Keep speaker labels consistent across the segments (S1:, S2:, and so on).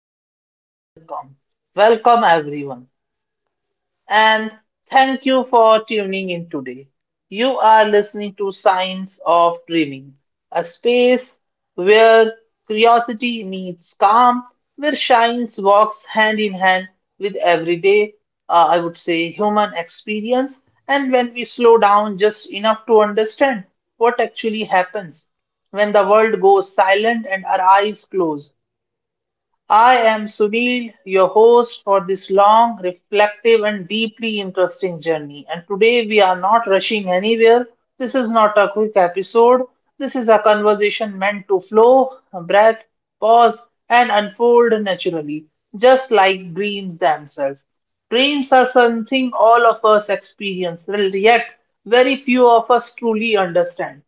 S1: welcome, welcome. Welcome, everyone. And thank you for tuning in today. You are listening to Science of Dreaming, a space where curiosity meets calm, where science walks hand in hand with everyday, I would say, human experience, and when we slow down just enough to understand what actually happens when the world goes silent and our eyes close. I am Sunil, your host for this long, reflective, and deeply interesting journey. And today we are not rushing anywhere. This is not a quick episode. This is a conversation meant to flow, breath, pause, and unfold naturally, just like dreams themselves. Dreams are something all of us experience, well, yet very few of us truly understand.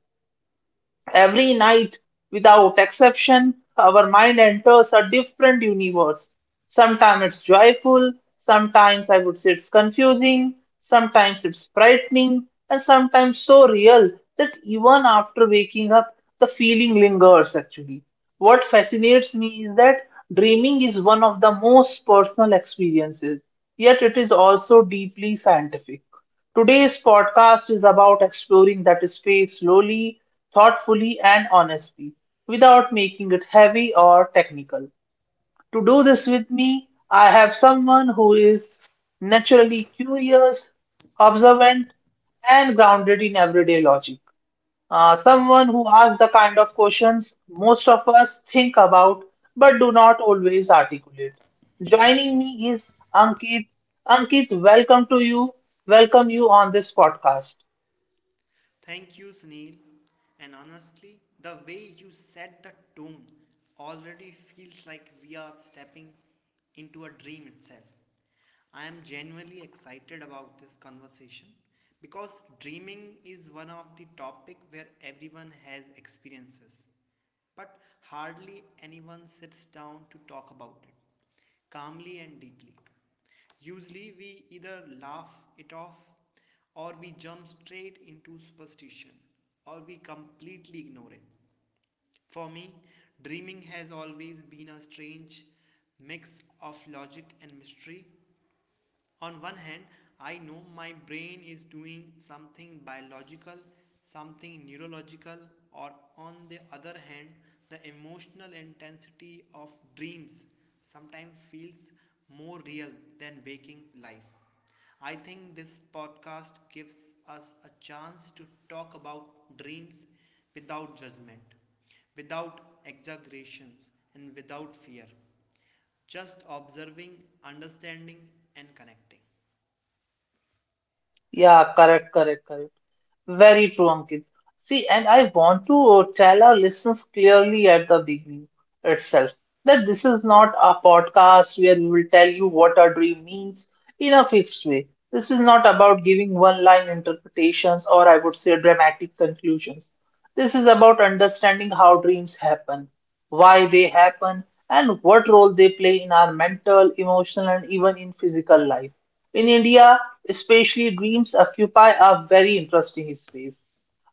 S1: Every night, without exception, our mind enters a different universe. Sometimes it's joyful, sometimes I would say it's confusing, sometimes it's frightening, and sometimes so real that even after waking up, the feeling lingers actually. What fascinates me is that dreaming is one of the most personal experiences, yet it is also deeply scientific. Today's podcast is about exploring that space slowly, thoughtfully, and honestly, without making it heavy or technical. To do this with me, I have someone who is naturally curious, observant, and grounded in everyday logic. Someone who asks the kind of questions most of us think about but do not always articulate. Joining me is Ankit. Ankit, welcome to you. Welcome you on this podcast.
S2: Thank you, Sunil. And honestly, the way you set the tone already feels like we are stepping into a dream itself. I am genuinely excited about this conversation because dreaming is one of the topic where everyone has experiences but hardly anyone sits down to talk about it calmly and deeply. Usually, we either laugh it off, or we jump straight into superstition, or we completely ignore it. For me, dreaming has always been a strange mix of logic and mystery. On one hand, I know my brain is doing something biological, something neurological, or on the other hand, the emotional intensity of dreams sometimes feels more real than waking life. I think this podcast gives us a chance to talk about dreams without judgment, without exaggerations, and without fear, just observing, understanding, and connecting.
S1: Yeah, correct, correct, correct. Very true, Ankit. See, and I want to tell our listeners clearly at the beginning itself that this is not a podcast where we will tell you what our dream means in a fixed way. This is not about giving one-line interpretations or I would say dramatic conclusions. This is about understanding how dreams happen, why they happen, and what role they play in our mental, emotional, and even in physical life. In India, especially, dreams occupy a very interesting space.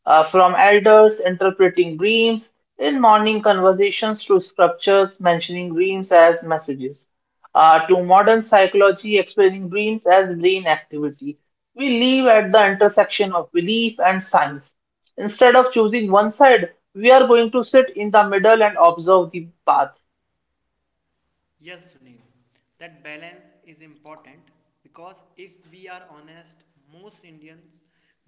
S1: From elders interpreting dreams in morning conversations to scriptures mentioning dreams as messages, to modern psychology explaining dreams as brain activity. We live at the intersection of belief and science. Instead of choosing one side, we are going to sit in the middle and observe the path.
S2: Yes, Sunil, that balance is important because if we are honest, most Indians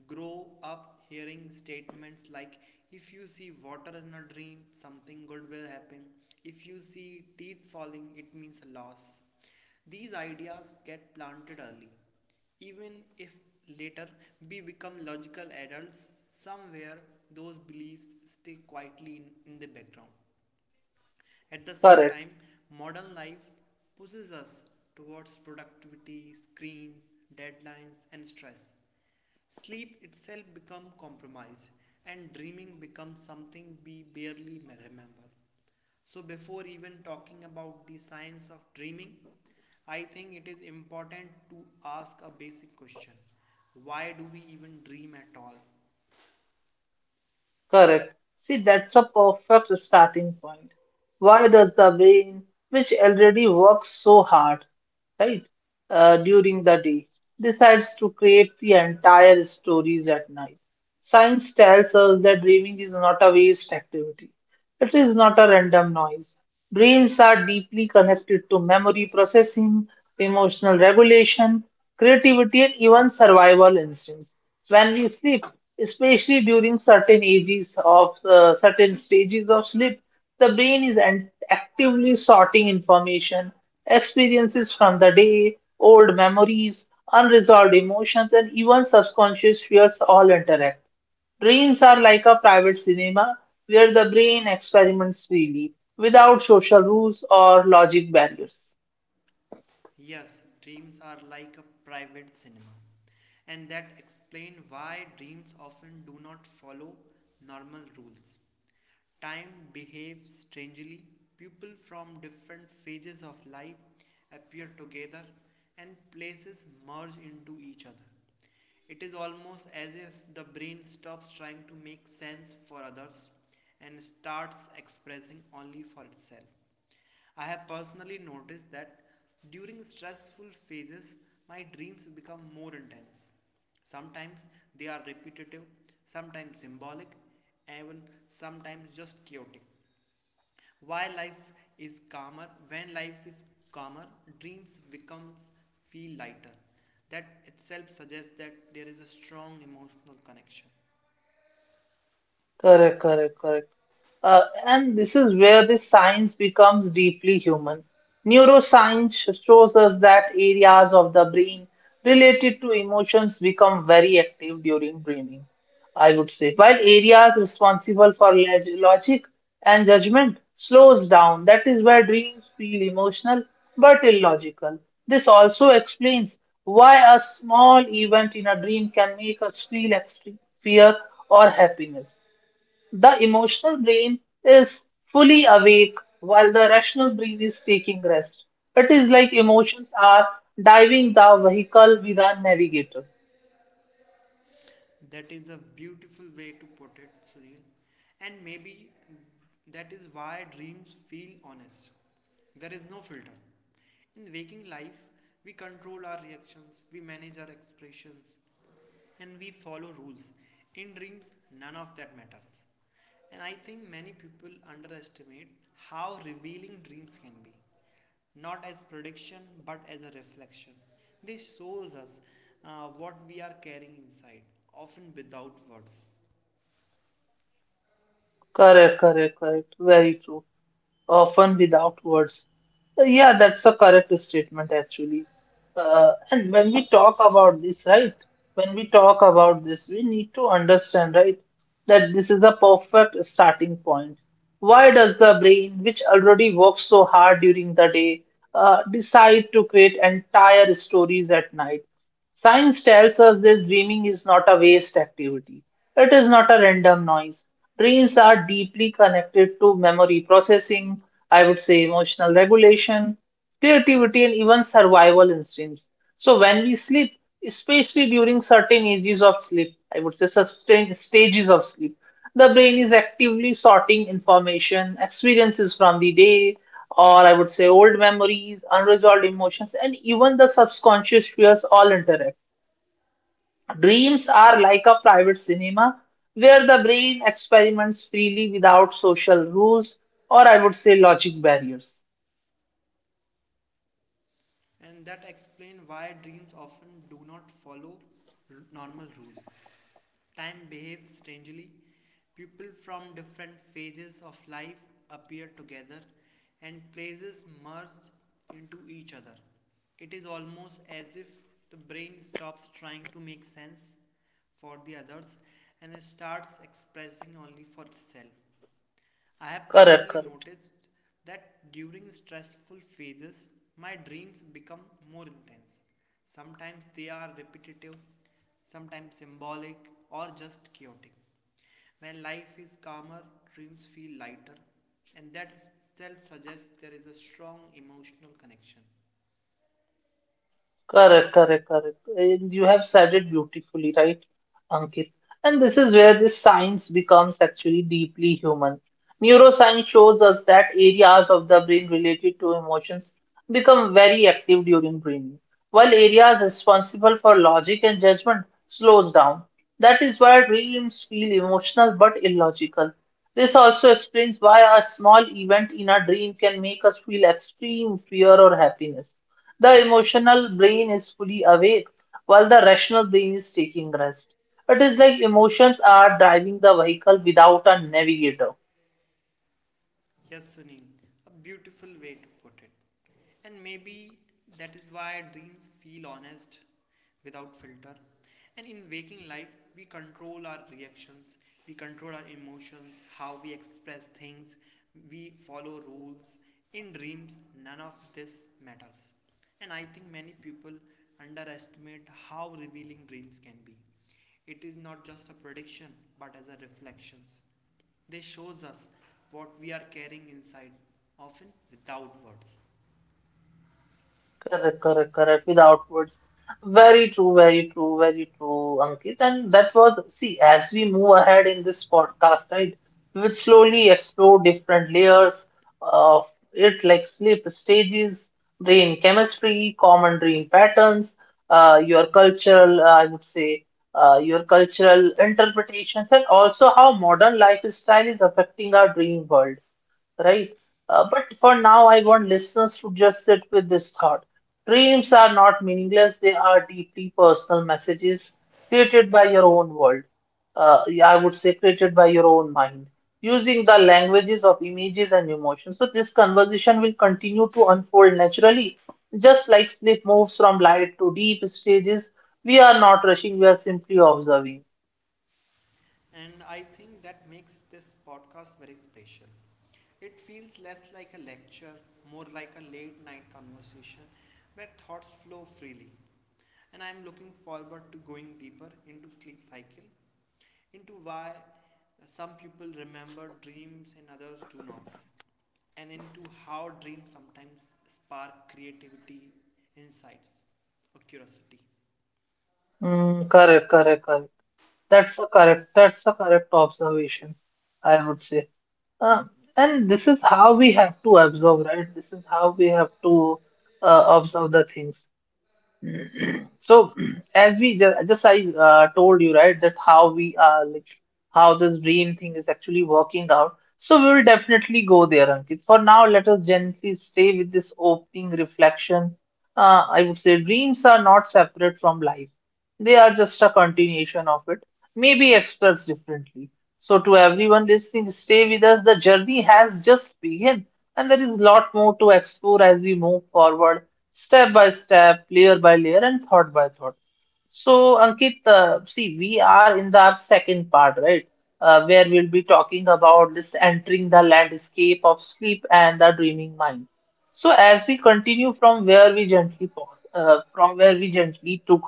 S2: grow up hearing statements like if you see water in a dream, something good will happen, if you see teeth falling, it means a loss. These ideas get planted early, even if later we become logical adults, somewhere those beliefs stay quietly in the background. At the same
S1: Correct.
S2: time, modern life pushes us towards productivity, screens, deadlines, and stress. Sleep itself becomes compromised, and dreaming becomes something we barely remember. So, before even talking about the science of dreaming, I think it is important to ask a basic question. Why do we even dream at all?
S1: Correct. See, that's a perfect starting point. Why does the brain, which already works so hard, right, during the day, decides to create the entire stories at night? Science tells us that dreaming is not a waste activity. It is not a random noise. Dreams are deeply connected to memory processing, emotional regulation, creativity, and even survival instincts. When we sleep, especially during certain stages of sleep, the brain is actively sorting information, experiences from the day, old memories, unresolved emotions, and even subconscious fears all interact. Dreams are like a private cinema where the brain experiments freely without social rules or logic barriers.
S2: Yes, dreams are like a private cinema. And that explains why dreams often do not follow normal rules. Time behaves strangely. People from different phases of life appear together and places merge into each other. It is almost as if the brain stops trying to make sense for others and starts expressing only for itself. I have personally noticed that during stressful phases, my dreams become more intense. Sometimes they are repetitive, sometimes symbolic, even sometimes just chaotic. While life is calmer? When life is calmer, dreams becomes feel lighter. That itself suggests that there is a strong emotional connection.
S1: Correct, correct, correct. And this is where the science becomes deeply human. Neuroscience shows us that areas of the brain related to emotions become very active during dreaming, I would say, while areas responsible for logic and judgment slows down. That is where dreams feel emotional but illogical. This also explains why a small event in a dream can make us feel extreme fear or happiness. The emotional brain is fully awake while the rational brain is taking rest. It is like emotions are driving the vehicle without navigator.
S2: That is a beautiful way to put it, Sunil. And maybe that is why dreams feel honest. There is no filter. In waking life, we control our reactions, we manage our expressions, and we follow rules. In dreams, none of that matters. And I think many people underestimate how revealing dreams can be. Not as prediction, but as a reflection. They shows us what we are carrying inside, often without words.
S1: Correct, correct, correct. Very true. Often without words. Yeah, that's the correct statement actually. And when we talk about this, right? When we talk about this, we need to understand, right, that this is a perfect starting point. Why does the brain, which already works so hard during the day, decide to create entire stories at night? Science tells us this dreaming is not a waste activity. It is not a random noise. Dreams are deeply connected to memory processing, I would say emotional regulation, creativity, and even survival instincts. So, when we sleep, especially during certain ages of sleep, I would say sustained stages of sleep, the brain is actively sorting information, experiences from the day, or I would say old memories, unresolved emotions, and even the subconscious fears all interact. Dreams are like a private cinema where the brain experiments freely without social rules or I would say logic barriers.
S2: And that explains why dreams often do not follow normal rules. Time behaves strangely. People from different phases of life appear together and places merge into each other. It is almost as if the brain stops trying to make sense for the others and starts expressing only for itself. I have
S1: Correct,
S2: personally
S1: correct.
S2: noticed that during stressful phases, my dreams become more intense. Sometimes they are repetitive, sometimes symbolic, or just chaotic. When life is calmer, dreams feel lighter, and that itself suggests there is a strong emotional connection.
S1: Correct, correct, correct. And you have said it beautifully, right, Ankit? And this is where this science becomes actually deeply human. Neuroscience shows us that areas of the brain related to emotions become very active during dreaming, while areas responsible for logic and judgment slows down. That is why dreams feel emotional but illogical. This also explains why a small event in a dream can make us feel extreme fear or happiness. The emotional brain is fully awake while the rational brain is taking rest. It is like emotions are driving the vehicle without a navigator.
S2: Yes, Sunil, a beautiful way to put it. And maybe that is why dreams feel honest without filter. And in waking life, we control our reactions, we control our emotions, how we express things, we follow rules. In dreams, none of this matters. And I think many people underestimate how revealing dreams can be. It is not just a prediction, but as a reflection. They shows us what we are carrying inside, often without words.
S1: Correct, correct, correct. Without words. Very true, very true, very true, Ankit. And that was, see, as we move ahead in this podcast, right, we will slowly explore different layers of it, like sleep stages, brain chemistry, common dream patterns, your cultural, I would say, your cultural interpretations, and also how modern lifestyle is affecting our dream world right? But for now, I want listeners to just sit with this thought. Dreams are not meaningless, they are deeply personal messages created by your own world. Yeah, I would say created by your own mind, using the languages of images and emotions. So, this conversation will continue to unfold naturally. Just like sleep moves from light to deep stages, we are not rushing, we are simply observing.
S2: And I think that makes this podcast very special. It feels less like a lecture, more like a late night conversation where thoughts flow freely. And I'm looking forward to going deeper into sleep cycle, into why some people remember dreams and others do not, and into how dreams sometimes spark creativity, insights, or curiosity.
S1: Hmm, correct, correct, correct. That's the correct observation, I would say. Uh, and this is how we have to observe, right? This is how we have to observe the things. So, as we just I told you, right, that how we are like how this dream thing is actually working out. So we will definitely go there, Ankit. For now, let us gently stay with this opening reflection. I would say dreams are not separate from life; they are just a continuation of it, maybe expressed differently. So, to everyone listening, stay with us. The journey has just begun, and there is a lot more to explore as we move forward step by step, layer by layer, and thought by thought. So, Ankit, see, we are in the our second part, right? Where we'll be talking about this entering the landscape of sleep and the dreaming mind. So, as we continue from where we gently pause, from where we gently took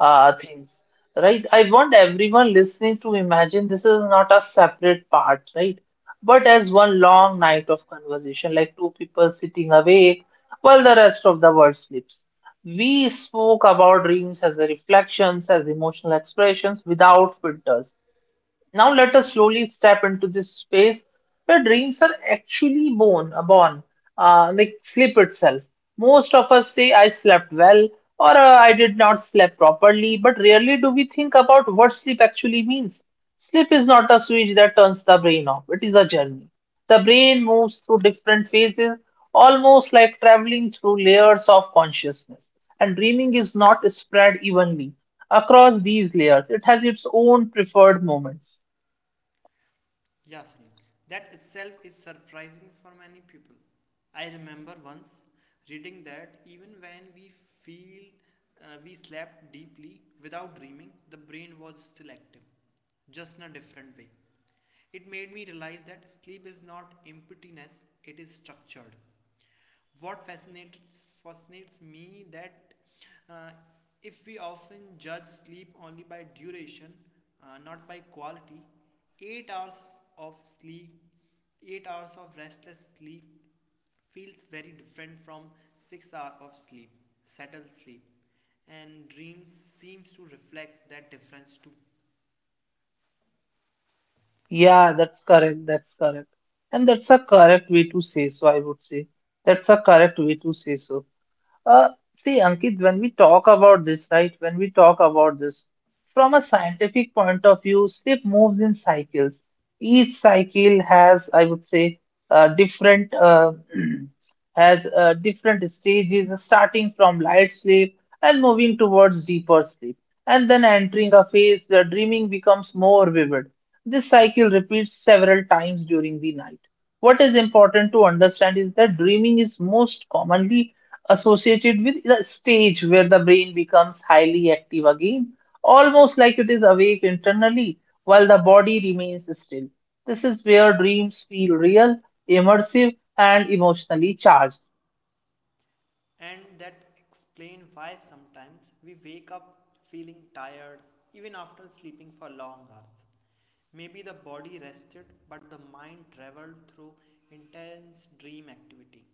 S1: things, right? I want everyone listening to imagine this is not a separate part, right? But as one long night of conversation, like two people sitting awake while the rest of the world sleeps. We spoke about dreams as reflections, as emotional expressions without filters. Now let us slowly step into this space where dreams are actually born, like sleep itself. Most of us say I slept well or I did not sleep properly, but rarely do we think about what sleep actually means. Sleep is not a switch that turns the brain off. It is a journey. The brain moves through different phases, almost like traveling through layers of consciousness. And dreaming is not spread evenly across these layers. It has its own preferred moments.
S2: Yeah, Sunil. That itself is surprising for many people. I remember once reading that even when we feel we slept deeply without dreaming, the brain was still active, just in a different way. It made me realize that sleep is not emptiness, it is structured. What fascinates me that uh, if we often judge sleep only by duration, not by quality, 8 hours of sleep, 8 hours of restless sleep feels very different from 6 hours of sleep, settled sleep, and dreams seems to reflect that difference too.
S1: Yeah, that's correct. That's correct. And that's a correct way to say so, I would say. That's a correct way to say so. Uh, see, Ankit, when we talk about this, right, when we talk about this, from a scientific point of view, sleep moves in cycles. Each cycle has, I would say, different has different stages, starting from light sleep and moving towards deeper sleep, and then entering a phase where dreaming becomes more vivid. This cycle repeats several times during the night. What is important to understand is that dreaming is most commonly associated with the stage where the brain becomes highly active again, almost like it is awake internally while the body remains still. This is where dreams feel real, immersive, and emotionally charged.
S2: And that explains why sometimes we wake up feeling tired even after sleeping for long hours. Maybe the body rested but the mind traveled through intense dream activity.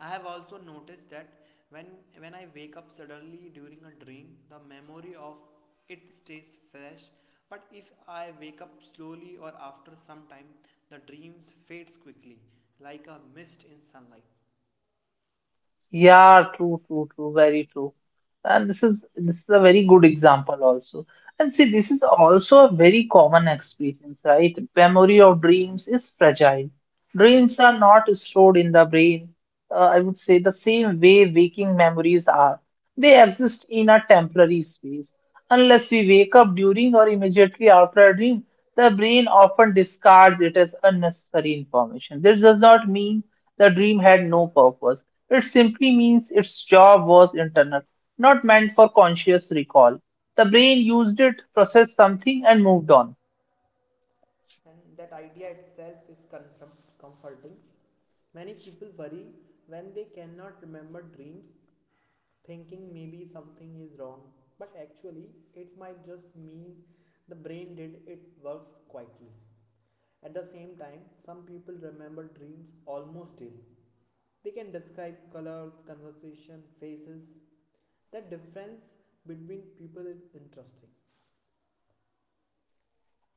S2: I have also noticed that when when I wake up suddenly during a dream, the memory of it stays fresh. But if I wake up slowly or after some time, the dreams fades quickly, like a mist in sunlight.
S1: Yeah, true, true, true, very true. And this is a very good example also. And see, this is also a very common experience, right? Memory of dreams is fragile. Dreams are not stored in the brain, I would say, the same way waking memories are. They exist in a temporary space. Unless we wake up during or immediately after a dream, the brain often discards it as unnecessary information. This does not mean the dream had no purpose it simply means its job was internal, not meant for conscious recall. The brain used it, processed something, and moved on.
S2: And that idea itself is comforting. Many people worry when they cannot remember dreams, thinking maybe something is wrong. But actually, it might just mean the brain did it works quietly. At the same time, some people remember dreams almost daily. They can describe colors, conversation, faces. The difference between people is interesting.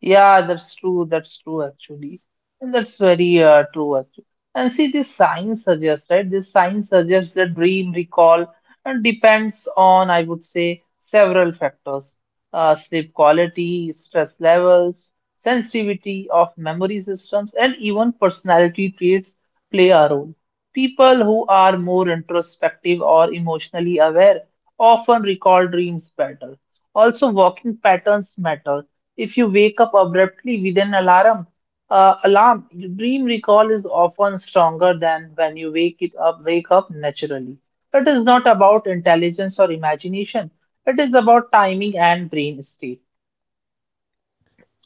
S1: Yeah, that's true. That's true, actually. And that's very true, actually. And see, this science suggests, right? This science suggests that dream recall and depends on, I would say, several factors. Sleep quality, stress levels, sensitivity of memory systems, and even personality traits play a role. People who are more introspective or emotionally aware often recall dreams better. Also, walking patterns matter. If you wake up abruptly with an alarm, your dream recall is often stronger than when you wake up naturally. It is not about intelligence or imagination. It is about timing and brain state.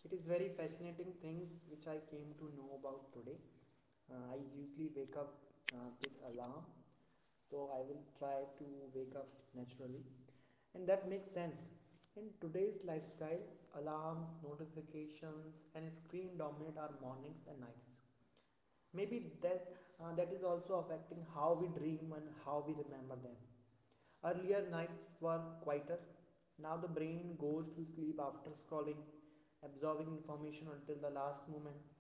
S2: It is very fascinating things which I came to know about today. I usually wake up with alarm, so I will try to wake up naturally, and that makes sense. In today's lifestyle, alarms, notifications, and screen dominate our mornings and nights. Maybe that that is also affecting how we dream and how we remember them. Earlier nights were quieter. Now the brain goes to sleep after scrolling, absorbing information until the last moment,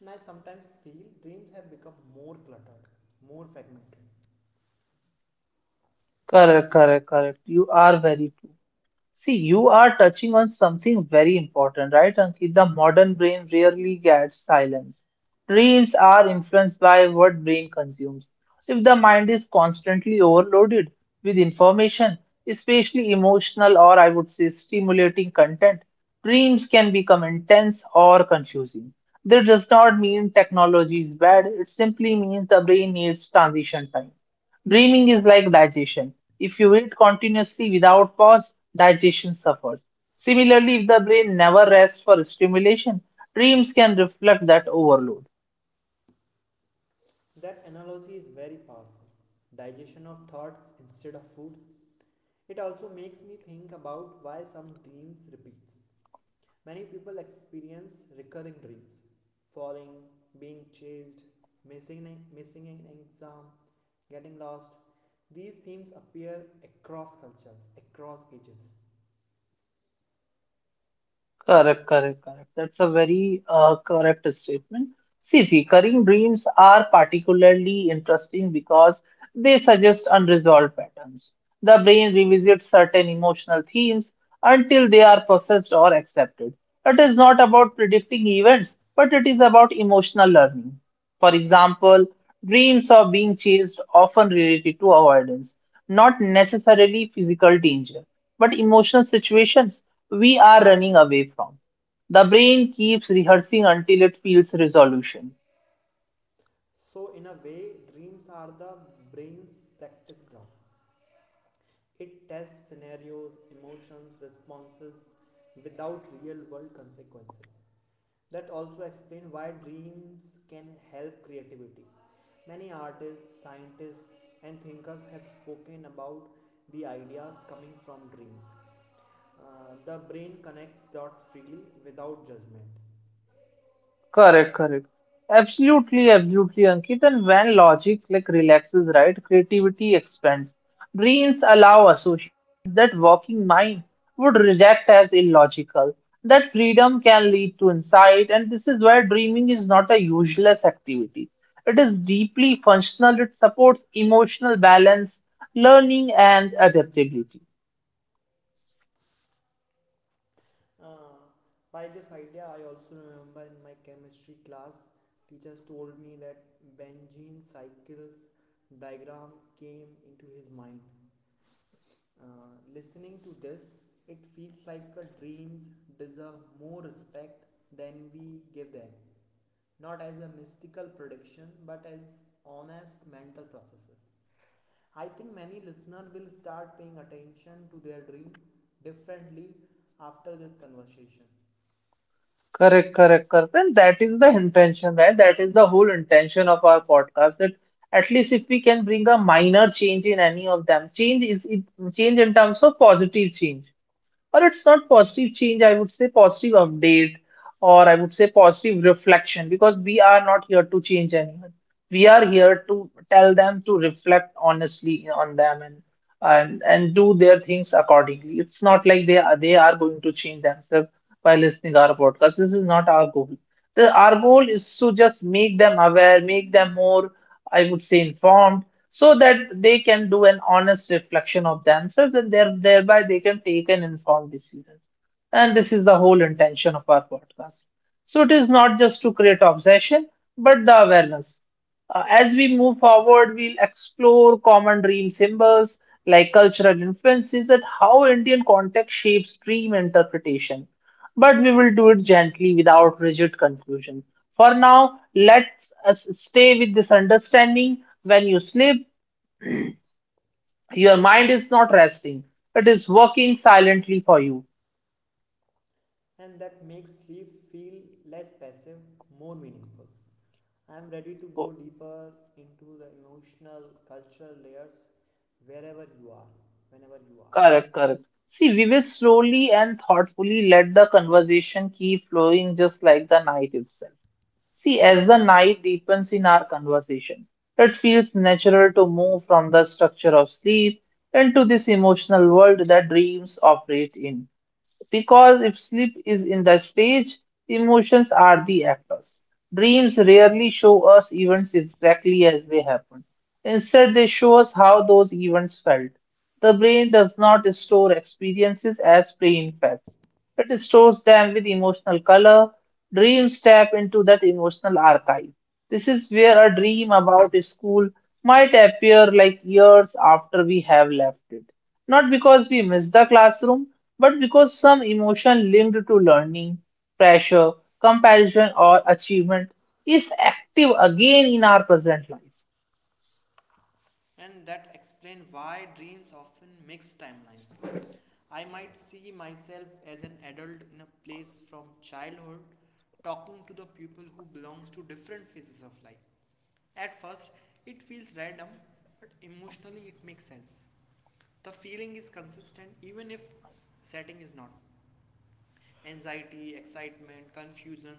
S2: and I sometimes feel dreams have become more cluttered, more fragmented.
S1: Correct, correct, correct. You are very true. See, you are touching on something very important, right, Ankit? The modern brain rarely gets silence. Dreams are influenced by what brain consumes. If the mind is constantly overloaded with information, especially emotional, or I would say stimulating, content, dreams can become intense or confusing. That does not mean technology is bad. It simply means the brain needs transition time. Dreaming is like digestion. If you eat continuously without pause, digestion suffers. Similarly, if the brain never rests for stimulation, dreams can reflect that overload.
S2: That analogy is very powerful, digestion of thoughts instead of food. It also makes me think about why some dreams repeat. Many people experience recurring dreams, falling, being chased, missing an exam, getting lost. These themes appear across cultures, across ages.
S1: Correct, correct, correct. That's a very correct statement. See, recurring dreams are particularly interesting because they suggest unresolved patterns. The brain revisits certain emotional themes until they are processed or accepted. It is not about predicting events, but it is about emotional learning. For example, dreams of being chased often related to avoidance, not necessarily physical danger, but emotional situations we are running away from. The brain keeps rehearsing until it feels resolution.
S2: So, in a way, dreams are the brain's practice ground. It tests scenarios, emotions, responses without real world consequences. That also explains why dreams can help creativity. Many artists, scientists, and thinkers have spoken about the ideas coming from dreams. The brain connects dots freely without judgment.
S1: Correct, correct. Absolutely, absolutely, Ankit. And when logic like relaxes, right, creativity expands. Brains allow associations that working mind would reject as illogical. That freedom can lead to insight, and this is where dreaming is not a useless activity. It is deeply functional. It supports emotional balance, learning, and adaptability.
S2: Uh, by this idea, I also remember in my chemistry class, teachers told me that Benjene's cycles diagram came into his mind. Listening to this, it feels like our dreams deserve more respect than we give them. Not as a mystical prediction, but as honest mental processes. I think many listeners will start paying attention to their dream differently after this conversation,
S1: Correct, correct, correct. And that is the intention, right? That is the whole intention of our podcast. That at least if we can bring a minor change in any of them, change is it change in terms of positive change, or it's not positive change, I would say positive update, or I would say positive reflection, because we are not here to change anyone. We are here to tell them to reflect honestly on them, and do their things accordingly. It's not like they are going to change themselves by listening our podcast. This is not our goal. Our goal is to just make them aware, make them more, I would say, informed, so that they can do an honest reflection of themselves, and thereby they can take an informed decision. And this is the whole intention of our podcast. So it is not just to create obsession, but the awareness. As we move forward, we'll explore common dream symbols like cultural influences and how Indian context shapes dream interpretation. But we will do it gently without rigid conclusion. For now, let's us stay with this understanding. When you sleep, your mind is not resting, it is working silently for you.
S2: and that makes sleep feel less passive, more meaningful. I am ready to go
S1: Oh,
S2: deeper into the emotional, cultural layers wherever you are, whenever you are.
S1: correct, correct. See, we will slowly and thoughtfully let the conversation keep flowing just like the night itself. See, as the night deepens in our conversation, it feels natural to move from the structure of sleep into this emotional world that dreams operate in. Because if sleep is in the stage, emotions are the actors. Dreams rarely show us events exactly as they happen. Instead, they show us how those events felt. The brain does not store experiences as plain facts. It stores them with emotional color. Dreams tap into that emotional archive. This is where a dream about a school might appear like years after we have left it. Not because we missed the classroom, but because some emotion linked to learning, pressure, comparison, or achievement is active again in our present life.
S2: And that explain why dreams often mix timelines. I might see myself as an adult in a place from childhood talking to the people who belongs to different phases of life. At first, it feels random, but emotionally it makes sense. The feeling is consistent even if setting is not. Anxiety, excitement, confusion,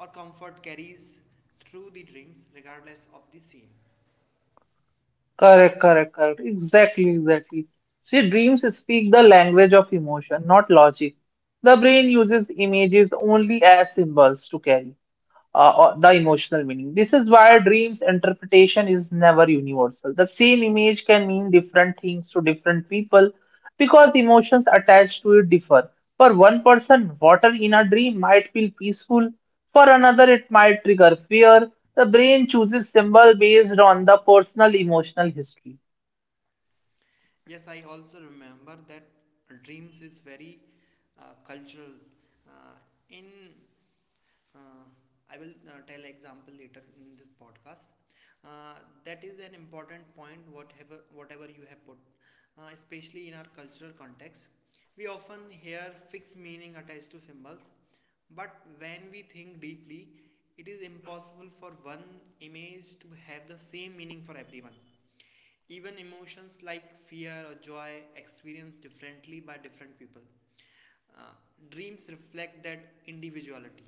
S2: or comfort carries through the dreams regardless of the scene.
S1: Correct, correct, correct. Exactly, exactly. See, dreams speak the language of emotion, not logic. The brain uses images only as symbols to carry, or the emotional meaning. This is why dreams interpretation is never universal. The same image can mean different things to different people because emotions attached to it differ. For one person, water in a dream might feel peaceful. For another, it might trigger fear. The brain chooses symbol based on the personal emotional history.
S2: Yes, I also remember that dreams is very cultural. Uh, in uh, I will tell example later in this podcast. Uh, that is an important point. Whatever you have put, especially in our cultural context, we often hear fixed meaning attached to symbols. But when we think deeply, it is impossible for one image to have the same meaning for everyone. Even emotions like fear or joy experienced differently by different people. Uh, Dreams reflect that individuality.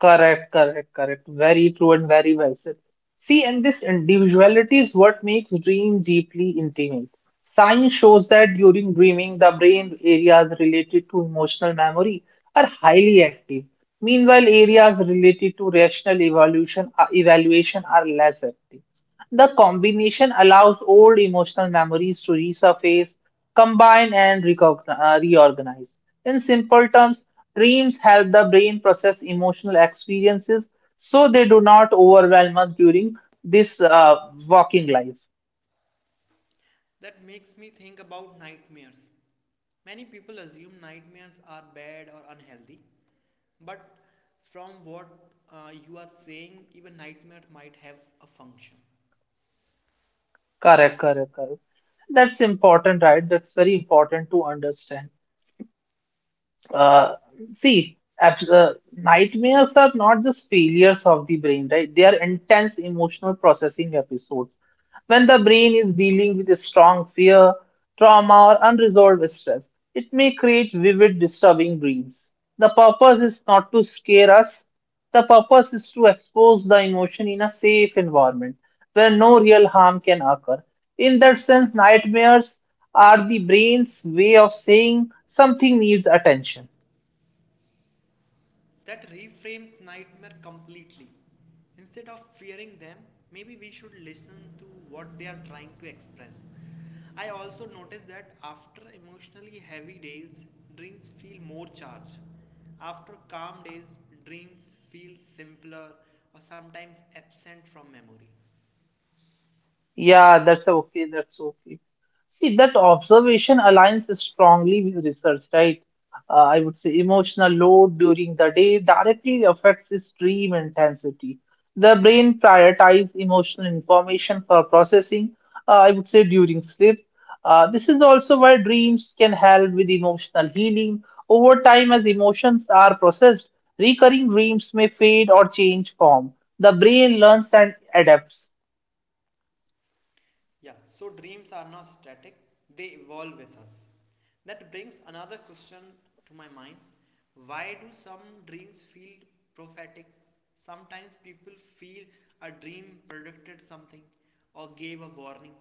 S1: Correct, correct, correct. Very true and very well said. See, and this individuality is what makes dream deeply intimate. Science shows that during dreaming, the brain areas related to emotional memory are highly active. Meanwhile, areas related to rational evaluation are less active. The combination allows old emotional memories to resurface, combine, and reorganize. In simple terms, dreams help the brain process emotional experiences so they do not overwhelm us during this walking life.
S2: That makes me think about nightmares. Many people assume nightmares are bad or unhealthy, but from what you are saying, even nightmares might have a function.
S1: Correct, correct, correct. That's important, right? That's very important to understand. Uh, see, nightmares are not just failures of the brain, right? They are intense emotional processing episodes. When the brain is dealing with a strong fear, trauma, or unresolved stress, it may create vivid, disturbing dreams. The purpose is not to scare us, the purpose is to expose the emotion in a safe environment where no real harm can occur. In that sense, nightmares are the brain's way of saying something needs attention.
S2: That reframes nightmare completely. Instead of fearing them, maybe we should listen to what they are trying to express. I also noticed that after emotionally heavy days, dreams feel more charged. After calm days, dreams feel simpler or sometimes absent from memory.
S1: Yeah, that's okay. That's okay. See, that observation aligns strongly with research, right? I would say emotional load during the day directly affects the stream intensity. The brain prioritizes emotional information for processing, I would say, during sleep. This is also why dreams can help with emotional healing. Over time, as emotions are processed, recurring dreams may fade or change form. The brain learns and adapts.
S2: Yeah, so dreams are not static, they evolve with us. That brings another question to my mind. Why do some dreams feel prophetic? Sometimes people feel a dream predicted something or gave a warning.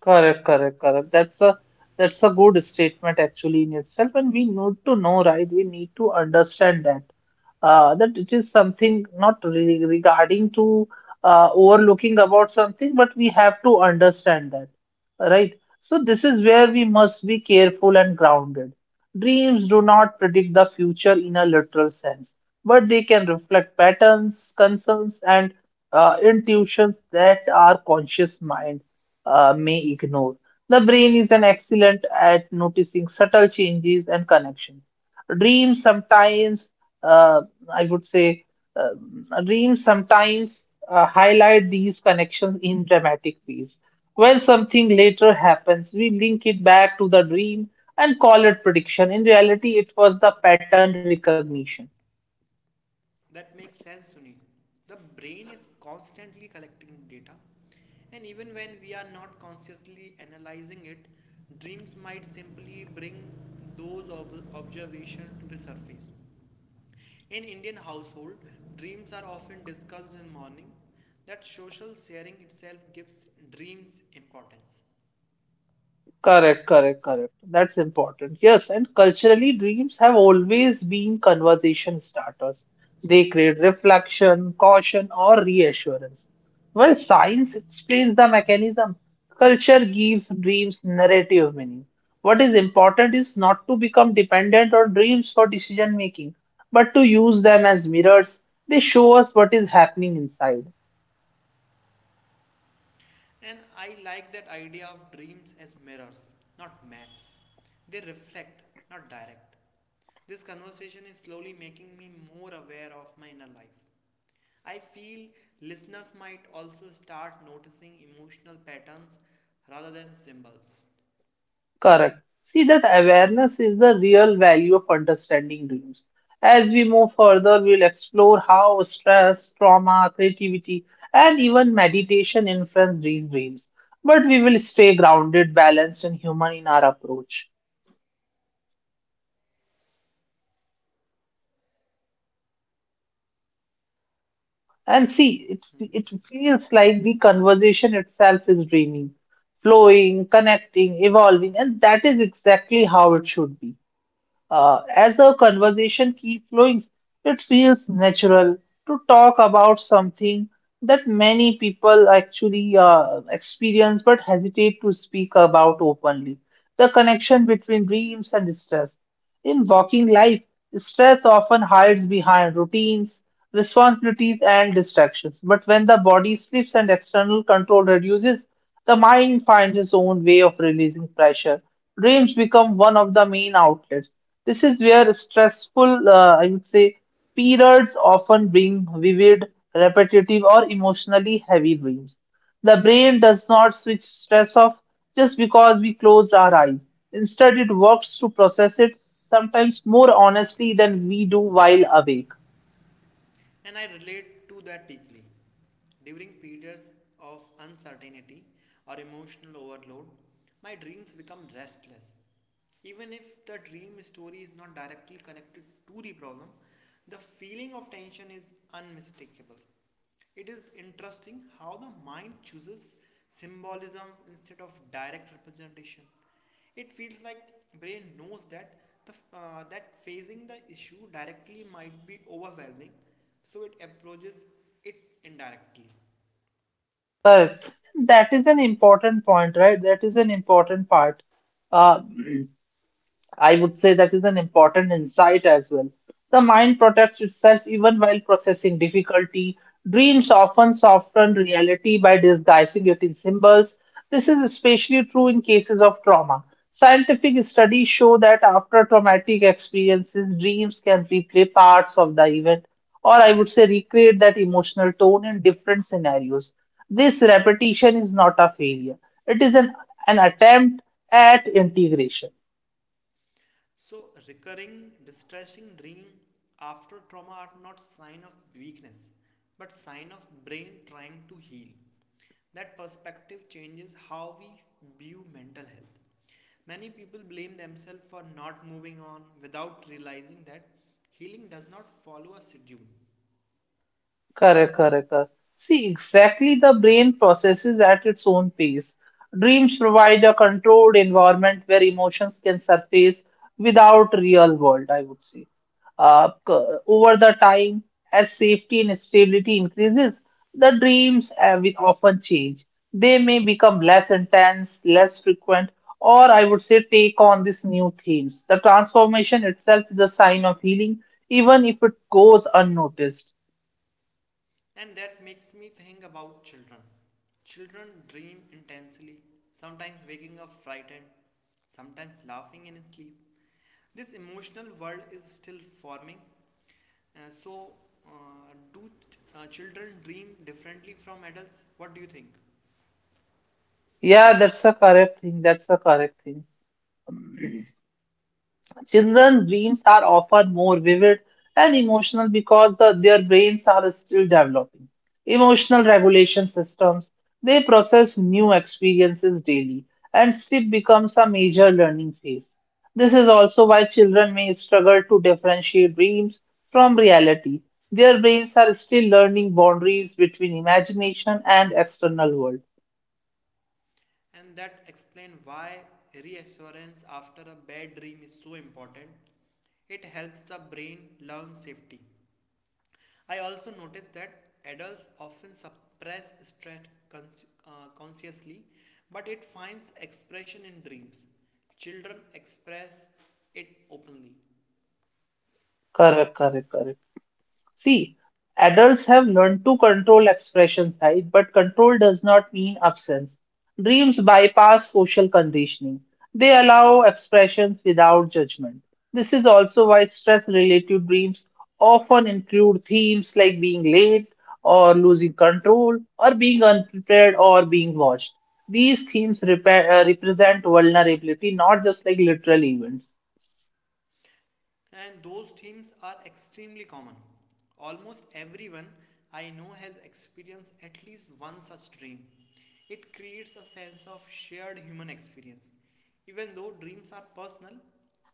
S1: Correct, correct, correct. That's a good statement actually in itself, and we need to know, right? We need to understand that, that it is something not re regarding to overlooking about something, but we have to understand that, right? So this is where we must be careful and grounded. Dreams do not predict the future in a literal sense, but they can reflect patterns, concerns, and intuitions that our conscious mind may ignore. The brain is an excellent at noticing subtle changes and connections. Dreams sometimes, uh, I would say, dreams sometimes highlight these connections in dramatic ways. When something later happens, we link it back to the dream and call it prediction. In reality, it was the pattern recognition.
S2: That makes sense, Sunil. The brain is constantly collecting data, and even when we are not consciously analyzing it, dreams might simply bring those observations to the surface. In Indian household, dreams are often discussed in morning, that social sharing itself gives dreams importance.
S1: Correct, correct, correct. That's important. Yes, and culturally, dreams have always been conversation starters. They create reflection, caution, or reassurance. While science explains the mechanism, culture gives dreams narrative meaning. What is important is not to become dependent on dreams for decision making, but to use them as mirrors. They show us what is happening inside.
S2: And I like that idea of dreams as mirrors, not maps. They reflect, not direct. This conversation is slowly making me more aware of my inner life. I feel listeners might also start noticing emotional patterns rather than symbols.
S1: Correct. See, that awareness is the real value of understanding dreams. As we move further, we'll explore how stress, trauma, creativity, and even meditation influence these dreams. But we will stay grounded, balanced, and human in our approach. And see, it feels like the conversation itself is dreaming, flowing, connecting, evolving, and that is exactly how it should be. As the
S2: Hmm.
S1: conversation keeps flowing, it feels natural to talk about something that many people actually experience but hesitate to speak about openly. The connection between dreams and stress. In working life, stress often hides behind routines, responsibilities, and distractions. But when the body slips and external control reduces, the mind finds its own way of releasing pressure. Dreams become one of the main outlets. This is where stressful, I would say, periods often bring vivid, repetitive, or emotionally heavy dreams. The brain does not switch stress off just because we closed our eyes. Instead, it works to process it, sometimes more honestly than we do while awake.
S2: And I relate to that deeply. During periods of uncertainty or emotional overload, my dreams become restless. Even if the dream story is not directly connected to the problem, the feeling of tension is unmistakable. It is interesting how the mind chooses symbolism instead of direct representation. It feels like brain knows that the that facing the issue directly might be overwhelming, so it approaches it indirectly.
S1: Correct. That is an important point, right? That is an important part. Uh, I would say that is an important insight as well. The mind protects itself even while processing difficulty. Dreams often soften reality by disguising it in symbols. This is especially true in cases of trauma. Scientific studies show that after traumatic experiences, dreams can replay parts of the event, or I would say recreate that emotional tone in different scenarios. This repetition is not a failure, it is an attempt at integration.
S2: So recurring distressing dream after trauma are not sign of weakness but sign of brain trying to heal. That perspective changes how we view mental health. Many people blame themselves for not moving on without realizing that healing does not follow a schedule.
S1: Correct, correct, correct. See, exactly, the brain processes at its own pace. Dreams provide a controlled environment where emotions can surface without real world, I would say. Uh, c- Over the time, as safety and stability increases, the dreams will often change. They may become less intense, less frequent, or I would say take on these new themes. The transformation itself is a sign of healing, even if it goes unnoticed.
S2: And that makes me think about children. Children dream intensely, sometimes waking up frightened, sometimes laughing in sleep. This emotional world is still forming, so children dream differently from adults? What do you think?
S1: Yeah, that's a correct thing. That's a correct thing. Children's dreams are often more vivid and emotional because their brains are still developing. Emotional regulation systems, they process new experiences daily, and sleep becomes a major learning phase. This is also why children may struggle to differentiate dreams from reality. Their brains are still learning boundaries between imagination and external world.
S2: And that explains why reassurance after a bad dream is so important. It helps the brain learn safety. I also noticed that adults often suppress stress consciously, but it finds expression in dreams. Children express it openly.
S1: Correct, correct, correct. See, adults have learned to control expressions, right? But control does not mean absence. Dreams bypass social conditioning. They allow expressions without judgment. This is also why stress-related dreams often include themes like being late or losing control or being unprepared or being watched. These themes represent vulnerability, not just like literal events.
S2: And those themes are extremely common. Almost everyone I know has experienced at least one such dream. It creates a sense of shared human experience. Even though dreams are personal,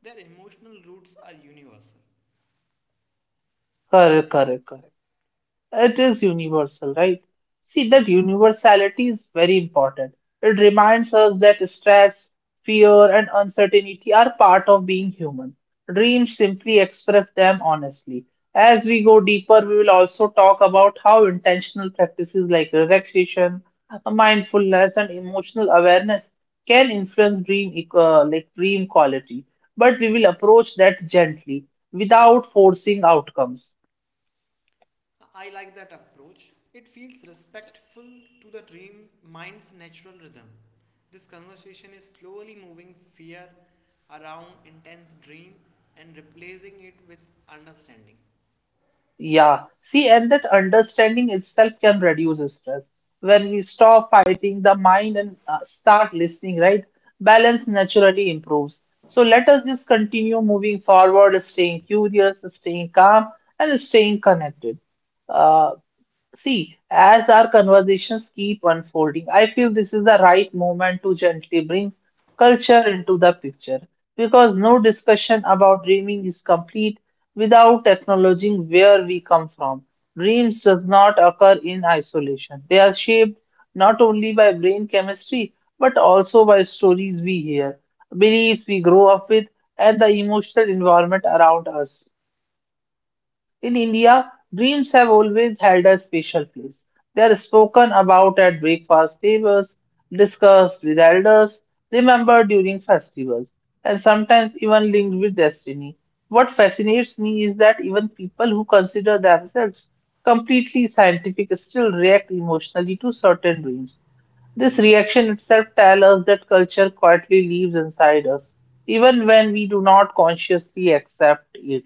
S2: their emotional roots are universal.
S1: Correct, correct, correct. It is universal, right? See, that universality is very important. It reminds us that stress, fear, and uncertainty are part of being human. Dreams simply express them honestly. As we go deeper, we will also talk about how intentional practices like relaxation, mindfulness, and emotional awareness can influence like dream quality. But we will approach that gently, without forcing outcomes.
S2: I like that approach. It feels respectful to the dream mind's natural rhythm. This conversation is slowly moving fear around intense dream and replacing it with understanding.
S1: Yeah, see, and that understanding itself can reduce stress. When we stop fighting the mind and start listening, right? Balance naturally improves. So let us just continue moving forward, staying curious, staying calm, and staying connected. Uh, See, as our conversations keep unfolding, I feel this is the right moment to gently bring culture into the picture because no discussion about dreaming is complete without acknowledging where we come from. Dreams does not occur in isolation. They are shaped not only by brain chemistry but also by stories we hear, beliefs we grow up with, and the emotional environment around us. In India, dreams have always held a special place. They are spoken about at breakfast tables, discussed with elders, remembered during festivals, and sometimes even linked with destiny. What fascinates me is that even people who consider themselves completely scientific still react emotionally to certain dreams. This reaction itself tells us that culture quietly lives inside us, even when we do not consciously accept it.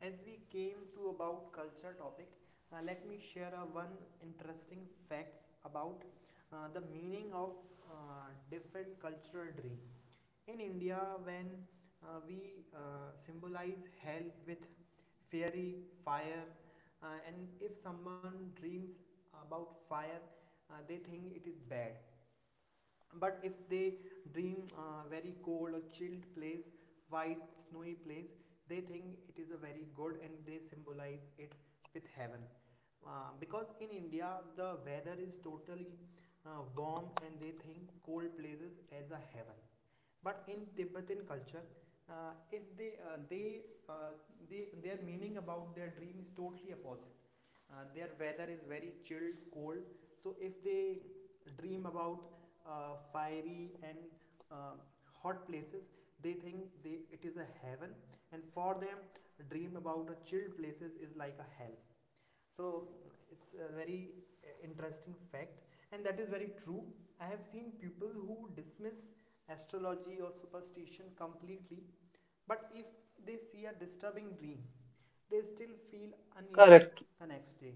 S2: As we came to about culture topic, let me share a one interesting facts about the meaning of different cultural dream. In India, when we symbolize hell with fairy, fire, and if someone dreams about fire, they think it is bad, but if they dream very cold or chilled place, white snowy place, they think it is a very good and they symbolize it with heaven, because in India the weather is totally warm and they think cold places as a heaven. But in Tibetan culture, if they uh, they their meaning about their dream is totally opposite. Uh, their weather is very chilled cold, so if they dream about fiery and uh, hot places, they think they it is a heaven. And for them, dream about a chilled places is like a hell. So it's a very interesting fact. And that is very true. I have seen people who dismiss astrology or superstition completely, but if they see a disturbing dream, they still feel uneasy
S1: Correct.
S2: the next day.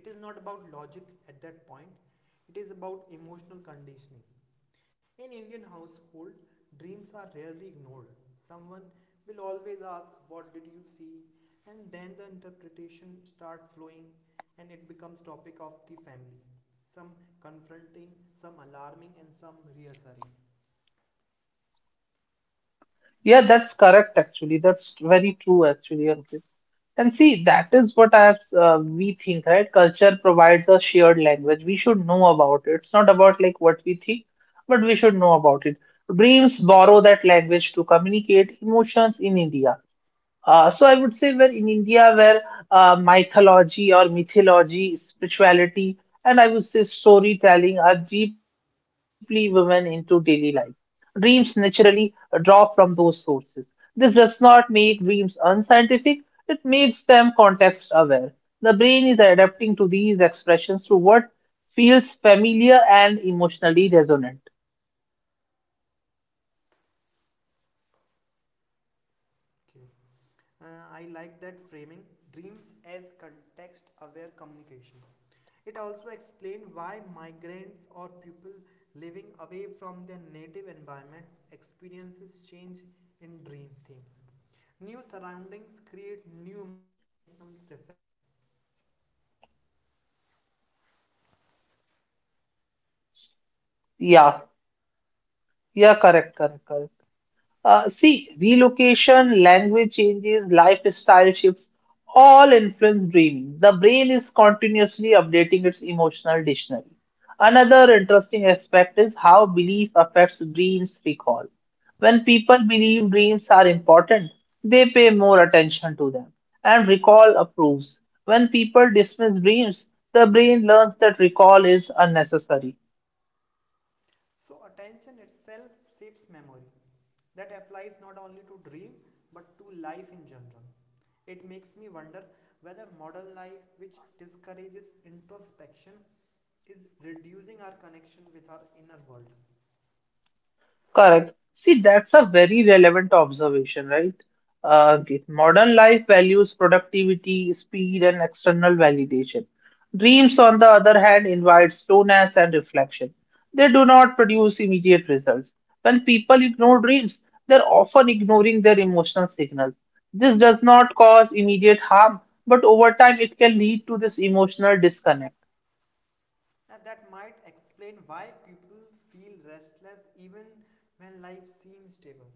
S2: It is not about logic at that point, it is about emotional conditioning. In Indian household, dreams are rarely ignored. Someone will always ask, "What did you see?" and then the interpretation start flowing and it becomes topic of the family. Some confronting, some alarming, and some reassuring.
S1: Yeah, that's correct, actually. That's very true, actually, Ankit. And see, that is what I have, we think, right? Culture provides a shared language. We should know about it. It's not about like what we think, but we should know about it. Dreams borrow that language to communicate emotions in India. So I would say where in India, where mythology, spirituality, and I would say storytelling are deeply woven into daily life. Dreams naturally draw from those sources. This does not make dreams unscientific, it makes them context aware. The brain is adapting to these expressions to what feels familiar and emotionally resonant.
S2: Okay. I like that framing, dreams as context aware communication. It also explained why migrants or people living away from their native environment experiences change in dream themes. New surroundings create new emotional references.
S1: Yeah, yeah, correct, correct, correct. See, relocation, language changes, lifestyle shifts all influence dreaming. The brain is continuously updating its emotional dictionary. Another interesting aspect is how belief affects dreams recall. When people believe dreams are important, they pay more attention to them, and recall approves. When people dismiss dreams, the brain learns that recall is unnecessary.
S2: So, attention itself shapes memory. That applies not only to dream but to life in general. It makes me wonder whether modern life, which discourages introspection, is reducing our connection with our inner world.
S1: Correct. See, that's a very relevant observation, right? Okay. Modern life values productivity, speed, and external validation. Dreams, on the other hand, invite slowness and reflection. They do not produce immediate results. When people ignore dreams, they're often ignoring their emotional signals. This does not cause immediate harm, but over time it can lead to this emotional disconnect.
S2: That might explain why people feel restless even when life seems stable.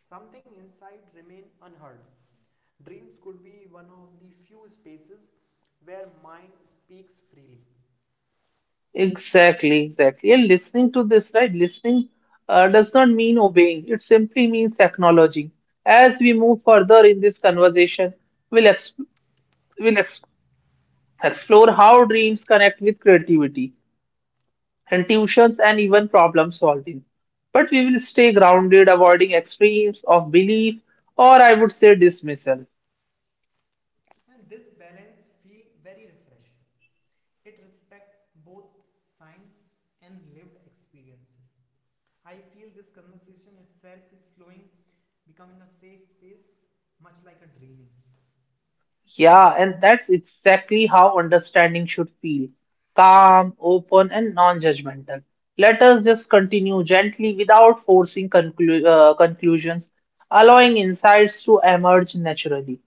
S2: Something inside remains unheard. Dreams could be one of the few spaces where mind speaks freely.
S1: Exactly, exactly. And listening to this, right? Listening does not mean obeying. It simply means acknowledging. As we move further in this conversation, we'll, ex we'll ex explore how dreams connect with creativity, intuitions, and even problem solving. But we will stay grounded, avoiding extremes of belief or I would say dismissal.
S2: And this balance feels very refreshing. It respects both science and lived experiences. I feel this conversation itself is slowing, becoming a safe space, much like a dreaming.
S1: Yeah, and that's exactly how understanding should feel. Calm, open, and non-judgmental. Let us just continue gently without forcing conclusions, allowing insights to emerge naturally.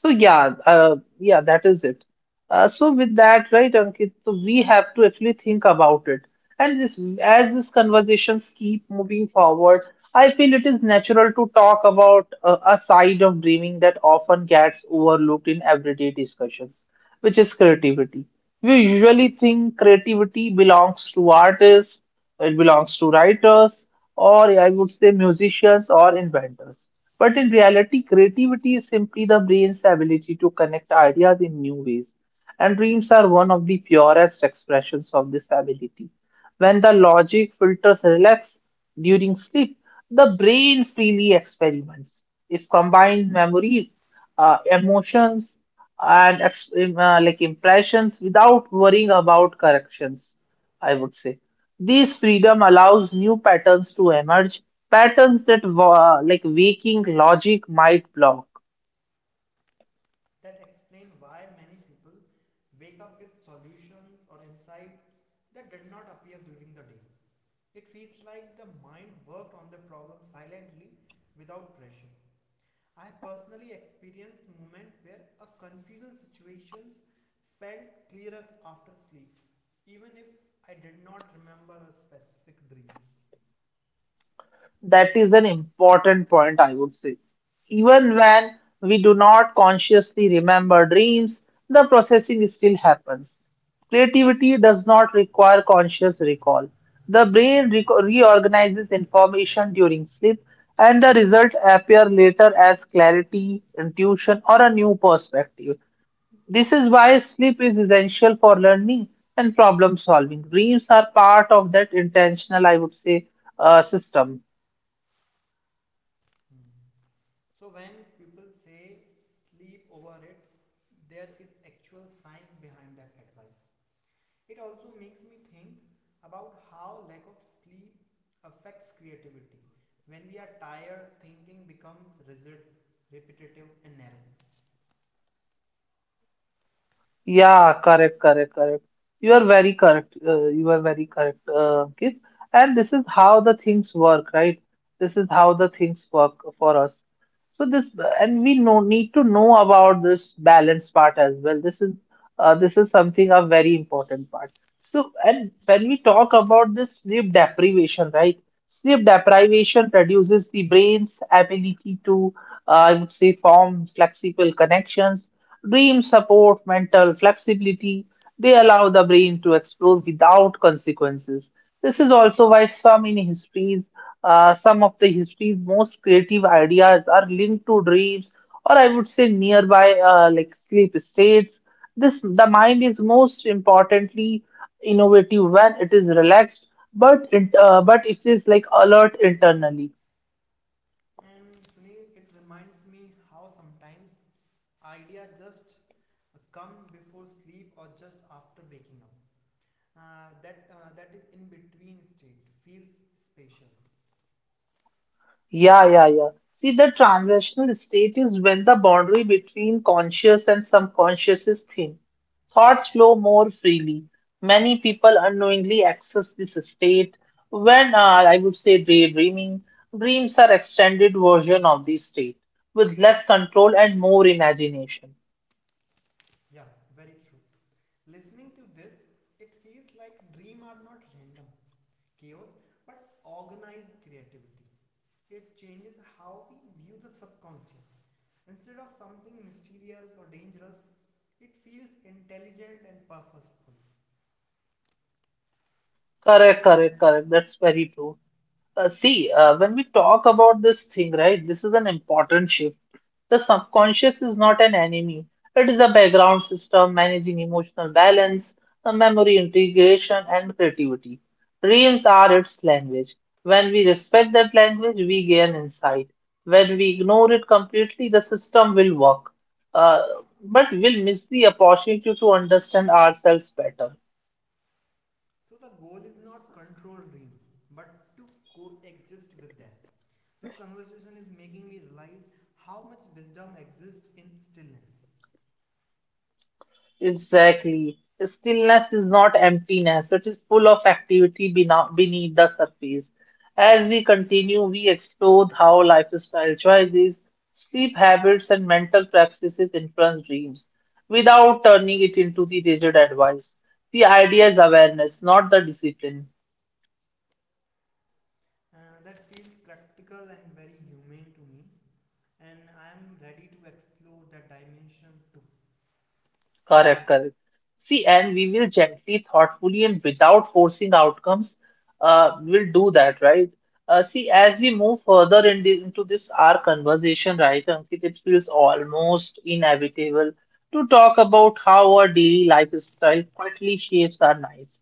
S1: So yeah, that is it. So with that, right, Ankit, so we have to actually think about it. And this, as these conversations keep moving forward, I feel it is natural to talk about a side of dreaming that often gets overlooked in everyday discussions, which is creativity. We usually think creativity belongs to artists, it belongs to writers, or I would say musicians or inventors. But in reality, creativity is simply the brain's ability to connect ideas in new ways. And dreams are one of the purest expressions of this ability. When the logic filters relax during sleep, the brain freely experiments. If combined memories, emotions, and like impressions without worrying about corrections, I would say. This freedom allows new patterns to emerge, patterns that like waking logic might block.
S2: That explain why many people wake up with solutions or insight that did not appear during the day. It feels like the mind worked on the problem silently without pressure. I personally experienced moment where a confusing situations felt clearer after sleep, even if I did not remember a specific dream.
S1: That is an important point, I would say. Even when we do not consciously remember dreams, the processing still happens. Creativity does not require conscious recall. The brain reorganizes information during sleep, and the results appear later as clarity, intuition, or a new perspective. This is why sleep is essential for learning and problem solving. Dreams are part of that intentional, I would say, system.
S2: Hmm. So when people say sleep over it, there is actual science behind that advice. It also makes me think about how lack of sleep affects creativity. When we are tired, thinking becomes rigid, repetitive, and narrow.
S1: Yeah, correct, correct, correct. You are very correct. You are very correct, Ankit. And this is how the things work, right? This is how the things work for us. So this, and we know, need to know about this balance part as well. This is something a very important part. So, and when we talk about this sleep deprivation, right? Sleep deprivation reduces the brain's ability to, I would say, form flexible connections. Dreams support mental flexibility. They allow the brain to explore without consequences. This is also why some in histories, some of the history's most creative ideas are linked to dreams, or I would say nearby like sleep states. This the mind is most importantly innovative when it is relaxed, but it is like alert internally.
S2: And Sunil, it reminds me how sometimes ideas just come before sleep or just after waking up. That is in between state feels special.
S1: Yeah, yeah, yeah. See, the transitional state is when the boundary between conscious and subconscious is thin. Thoughts flow more freely. Many people unknowingly access this state when I would say daydreaming. Dreams are extended version of this state with less control and more imagination.
S2: Yeah, very true. Listening to this, it feels like dreams are not random chaos but organized creativity. It changes how we view the subconscious. Instead of something mysterious or dangerous, it feels intelligent and purposeful.
S1: Correct, correct, correct. That's very true. When we talk about this thing, right, this is an important shift. The subconscious is not an enemy. It is a background system managing emotional balance, memory integration, and creativity. Dreams are its language. When we respect that language, we gain insight. When we ignore it completely, the system will work, uh, but we'll miss the opportunity to understand ourselves better.
S2: So the goal is not control dreams, but to coexist with them. This conversation is making me realize how much wisdom exists in stillness.
S1: Exactly. Stillness is not emptiness, it is full of activity beneath the surface. As we continue, we explore how lifestyle choices, sleep habits, and mental practices influence dreams without turning it into the rigid advice. The idea is awareness, not the discipline.
S2: That feels practical and very humane to me. And I am ready to explore that dimension too.
S1: Correct, correct. See, and we will gently, thoughtfully, and without forcing outcomes, we'll do that, right? See, as we move further in into this our conversation, right, Ankit, it feels almost inevitable to talk about how our daily lifestyle quietly shapes our lives.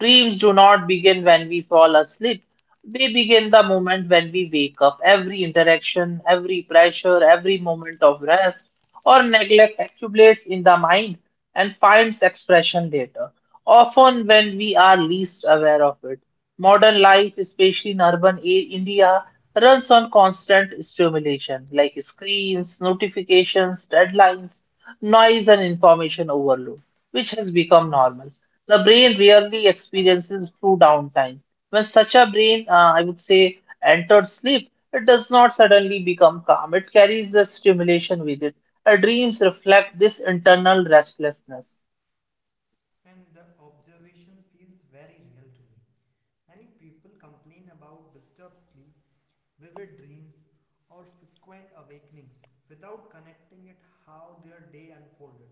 S1: Dreams do not begin when we fall asleep. They begin the moment when we wake up. Every interaction, every pressure, every moment of rest or neglect accumulates in the mind and finds expression later, often when we are least aware of it. Modern life, especially in India, runs on constant stimulation like screens, notifications, deadlines, noise, and information overload, which has become normal. The brain rarely experiences true downtime. When such a brain, I would say, enters sleep, it does not suddenly become calm. It carries the stimulation with it. Our dreams reflect this internal restlessness.
S2: And the observation feels very real to me. Many people complain about disturbed sleep, vivid dreams, or frequent awakenings without connecting it how their day unfolded.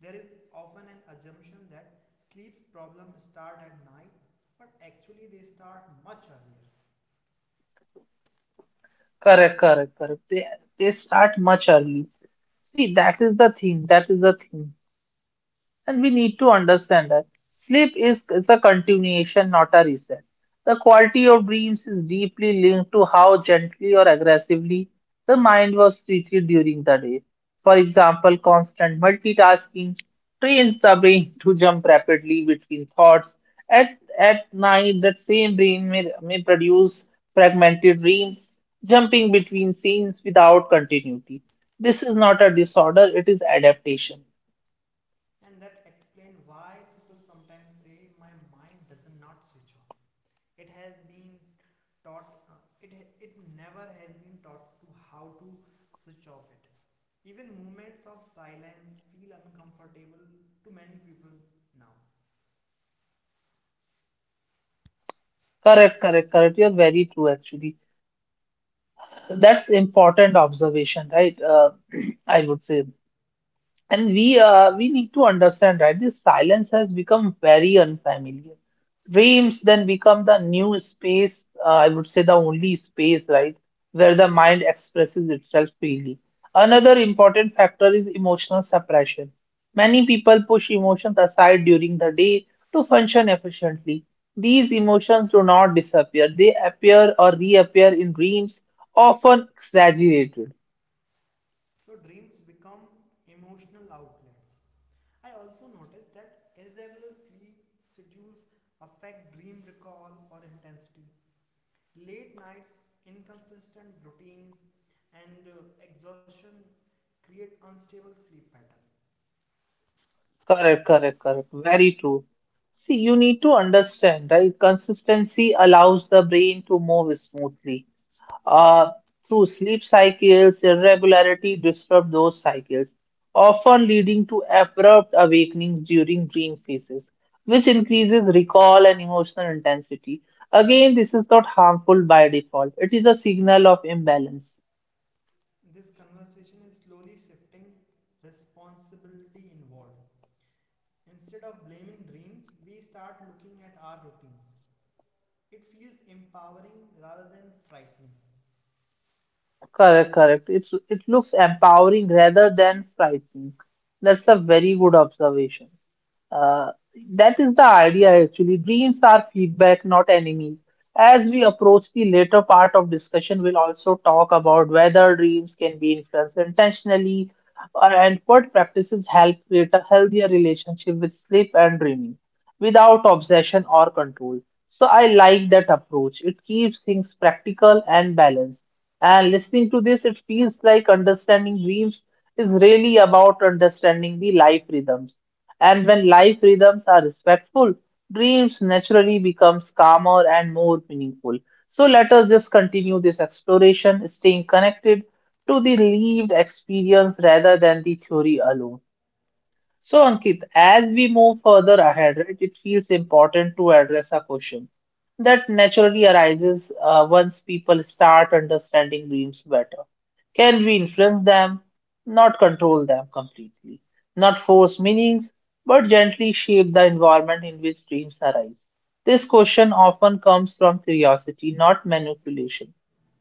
S2: There is often an assumption that sleep problems start at night, but actually they start much earlier.
S1: Correct, correct, correct. They start much early. See, that is the thing. That is the thing. And we need to understand that is a continuation, not a reset. The quality of dreams is deeply linked to how gently or aggressively the mind was treated during the day. For example, constant multitasking trains the brain to jump rapidly between thoughts. At, at night, that same brain may produce fragmented dreams, jumping between scenes without continuity. This is not a disorder, it is adaptation.
S2: And that explains why people sometimes say my mind does not switch off. It has been taught uh, it it never has been taught to how to switch off it. Even moments of silence feel uncomfortable to many people now.
S1: Correct, correct, correct. You're very true, actually. That's important observation, right? I would say. And we need to understand, right? This silence has become very unfamiliar. Dreams then become the new space, I would say the only space, right, where the mind expresses itself freely. Another important factor is emotional suppression. Many people push emotions aside during the day to function efficiently. These emotions do not disappear, they appear or reappear in dreams, often exaggerated.
S2: So dreams become emotional outlets. I also noticed that irregular sleep schedules affect dream recall or intensity. Late nights, inconsistent routines, and exhaustion create unstable sleep pattern.
S1: Correct, correct, correct. Very true. See, you need to understand, right? Consistency allows the brain to move smoothly. Uh, Through sleep cycles, irregularity disrupt those cycles, often leading to abrupt awakenings during dream phases, which increases recall and emotional intensity. Again, this is not harmful by default. It is a signal of imbalance.
S2: This conversation is slowly shifting responsibility involved. Instead of blaming dreams, we start looking at our routines. It feels empowering rather than frightening.
S1: Correct, correct. It looks empowering rather than frightening. That's a very good observation. Uh, that is the idea actually. Dreams are feedback, not enemies. As we approach the later part of discussion, we'll also talk about whether dreams can be influenced intentionally and what practices help create a healthier relationship with sleep and dreaming without obsession or control. So I like that approach. It keeps things practical and balanced. And listening to this, it feels like understanding dreams is really about understanding the life rhythms. And when life rhythms are respectful, dreams naturally becomes calmer and more meaningful. So let us just continue this exploration, staying connected to the lived experience rather than the theory alone. So, Ankit, as we move further ahead, right, it feels important to address a question that naturally arises once people start understanding dreams better. Can we influence them? Not control them completely, not force meanings, but gently shape the environment in which dreams arise. This question often comes from curiosity, not manipulation.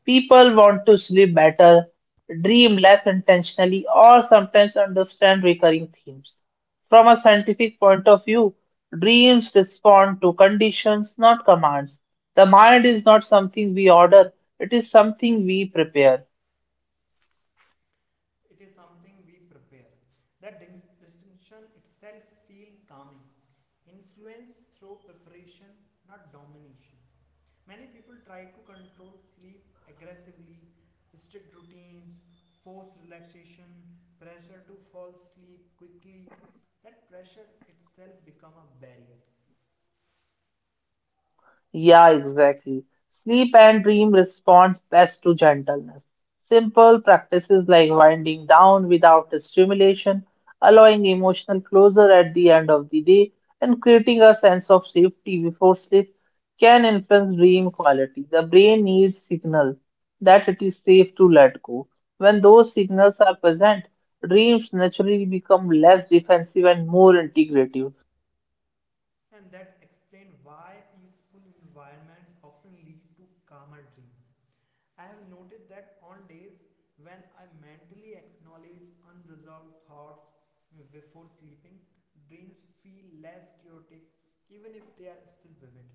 S1: People want to sleep better, dream less intentionally, or sometimes understand recurring themes. From a scientific point of view, dreams respond to conditions, not commands. The mind is not something we order, it is something we prepare.
S2: It is something we prepare. That distinction itself feels calming. Influence through preparation, not domination. Many people try to control sleep aggressively, strict routines, forced relaxation, pressure to fall asleep quickly. That pressure itself become a barrier.
S1: Yeah, exactly. Sleep and dream responds best to gentleness. Simple practices like winding down without stimulation, allowing emotional closure at the end of the day, and creating a sense of safety before sleep can influence dream quality. The brain needs signal that it is safe to let go. When those signals are present, dreams naturally become less defensive and more integrative.
S2: And that explain why peaceful environments often lead to calmer dreams. I have noticed that on days when I mentally acknowledge unresolved thoughts before sleeping, dreams feel less chaotic even if they are still vivid.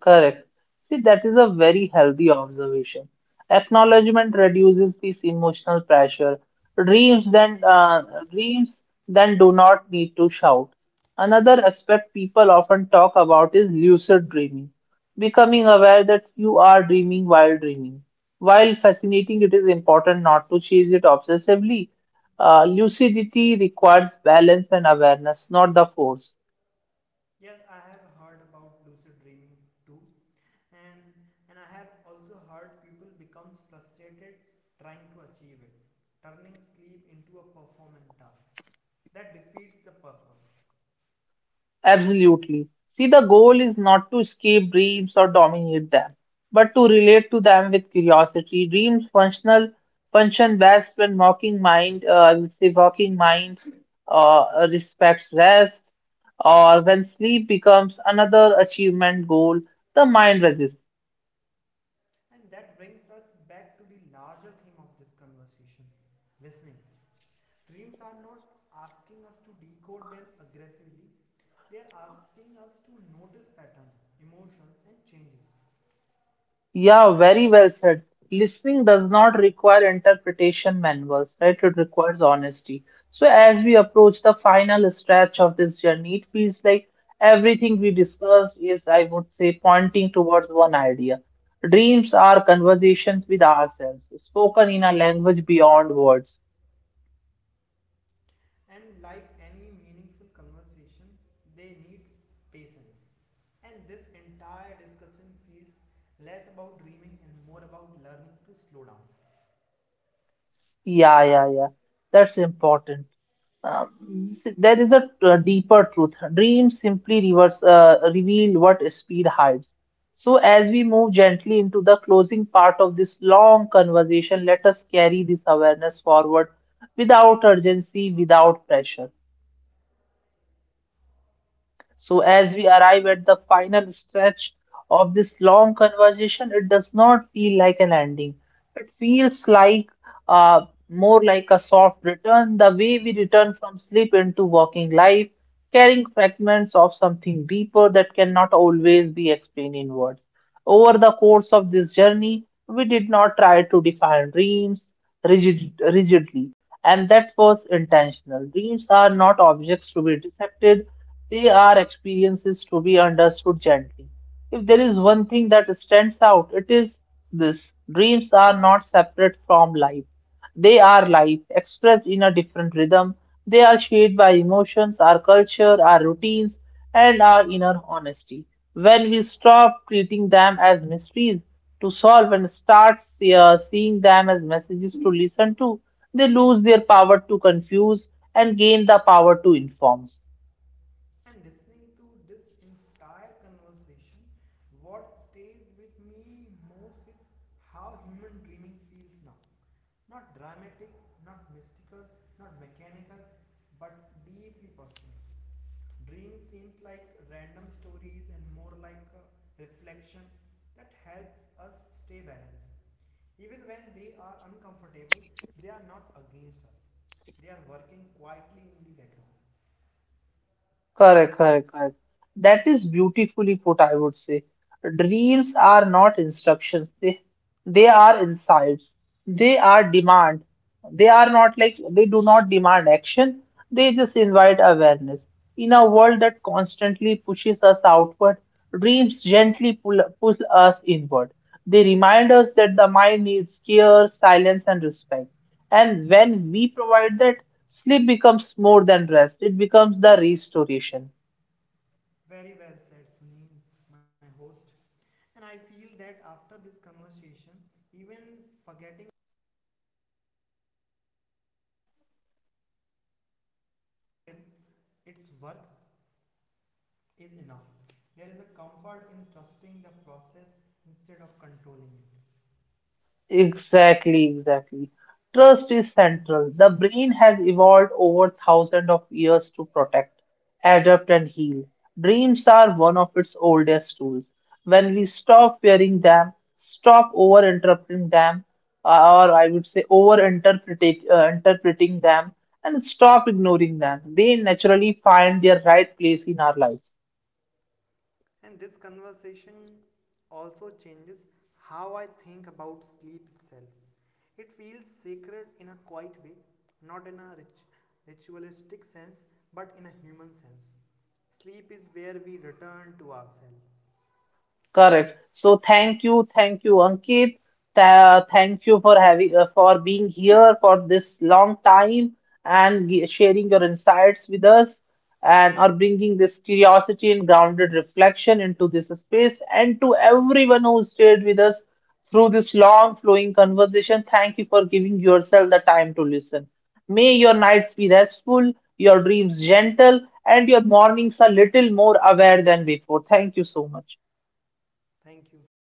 S1: Correct. See, that is a very healthy observation. Acknowledgement reduces this emotional pressure. Dreams then uh, dreams then do not need to shout. Another aspect people often talk about is lucid dreaming, becoming aware that you are dreaming. While fascinating, it is important not to chase it obsessively. Lucidity requires balance and awareness, not the force.
S2: Yes, I have heard about lucid dreaming too, and and I have also heard people becomes frustrated trying to achieve it, turning sleep into a performance task that defeats the purpose.
S1: Absolutely. See, the goal is not to escape dreams or dominate them, but to relate to them with curiosity. Dreams function best when working mind, I would say, working mind respects rest, or when sleep becomes another achievement goal, the mind resists.
S2: And that brings us back to the larger theme of this conversation, listening. Dreams are not asking us to decode them aggressively; they are asking us to notice patterns, emotions, and changes.
S1: Yeah, very well said. Listening does not require interpretation manuals, right? It requires honesty. So, as we approach the final stretch of this journey, it feels like everything we discussed is, I would say, pointing towards one idea. Dreams are conversations with ourselves, spoken in a language beyond words.
S2: And like any meaningful conversation, they need patience. And this entire discussion feels less about dreaming and more about learning to slow down.
S1: Yeah, yeah, yeah. That's important. There is a deeper truth. Dreams simply reveal what speed hides. So, as we move gently into the closing part of this long conversation, let us carry this awareness forward without urgency, without pressure. So, as we arrive at the final stretch of this long conversation, it does not feel like an ending. It feels like uh, more like a soft return, the way we return from sleep into walking life, carrying fragments of something deeper that cannot always be explained in words. Over the course of this journey, we did not try to define dreams rigidly, and that was intentional. Dreams are not objects to be dissected, they are experiences to be understood gently. If there is one thing that stands out, it is this: dreams are not separate from life. They are life, expressed in a different rhythm. They are shaped by emotions, our culture, our routines, and our inner honesty. When we stop treating them as mysteries to solve and start seeing them as messages to listen to, they lose their power to confuse and gain the power to inform.
S2: And listening to this entire conversation, what stays with me most is how human dreaming feels now. Not dramatic, not mystical, not mechanical, but deeply personal. Dream seems like random stories and more like a reflection that helps us stay balanced. Even when they are uncomfortable, they are not against us. They are working quietly in the background.
S1: Correct, correct, correct. That is beautifully put, I would say. Dreams are not instructions. They are insights. They are demand. They do not demand action. They just invite awareness. In a world that constantly pushes us outward, dreams gently pull us inward. They remind us that the mind needs care, silence, and respect. And when we provide that, sleep becomes more than rest. It becomes the restoration.
S2: Very well said, Sunil, my host. And I feel that after this conversation, even forgetting its work is enough. There is a comfort in trusting the process instead of controlling it.
S1: Exactly, exactly. Trust is central. The brain has evolved over thousands of years to protect, adapt, and heal. Dreams are one of its oldest tools. When we stop fearing them, stop over interpreting them, or I would say over interpreting them, and stop ignoring them, they naturally find their right place in our life.
S2: And this conversation also changes how I think about sleep itself. It feels sacred in a quiet way, not in a rit- ritualistic sense, but in a human sense. Sleep is where we return to ourselves.
S1: Correct. So thank you, Ankit. Thank you for having for being here for this long time and sharing your insights with us and or bringing this curiosity and grounded reflection into this space. And to everyone who stayed with us through this long flowing conversation, thank you for giving yourself the time to listen. May your nights be restful, your dreams gentle, and your mornings a little more aware than before. Thank you so much.
S2: Thank you, Sunny.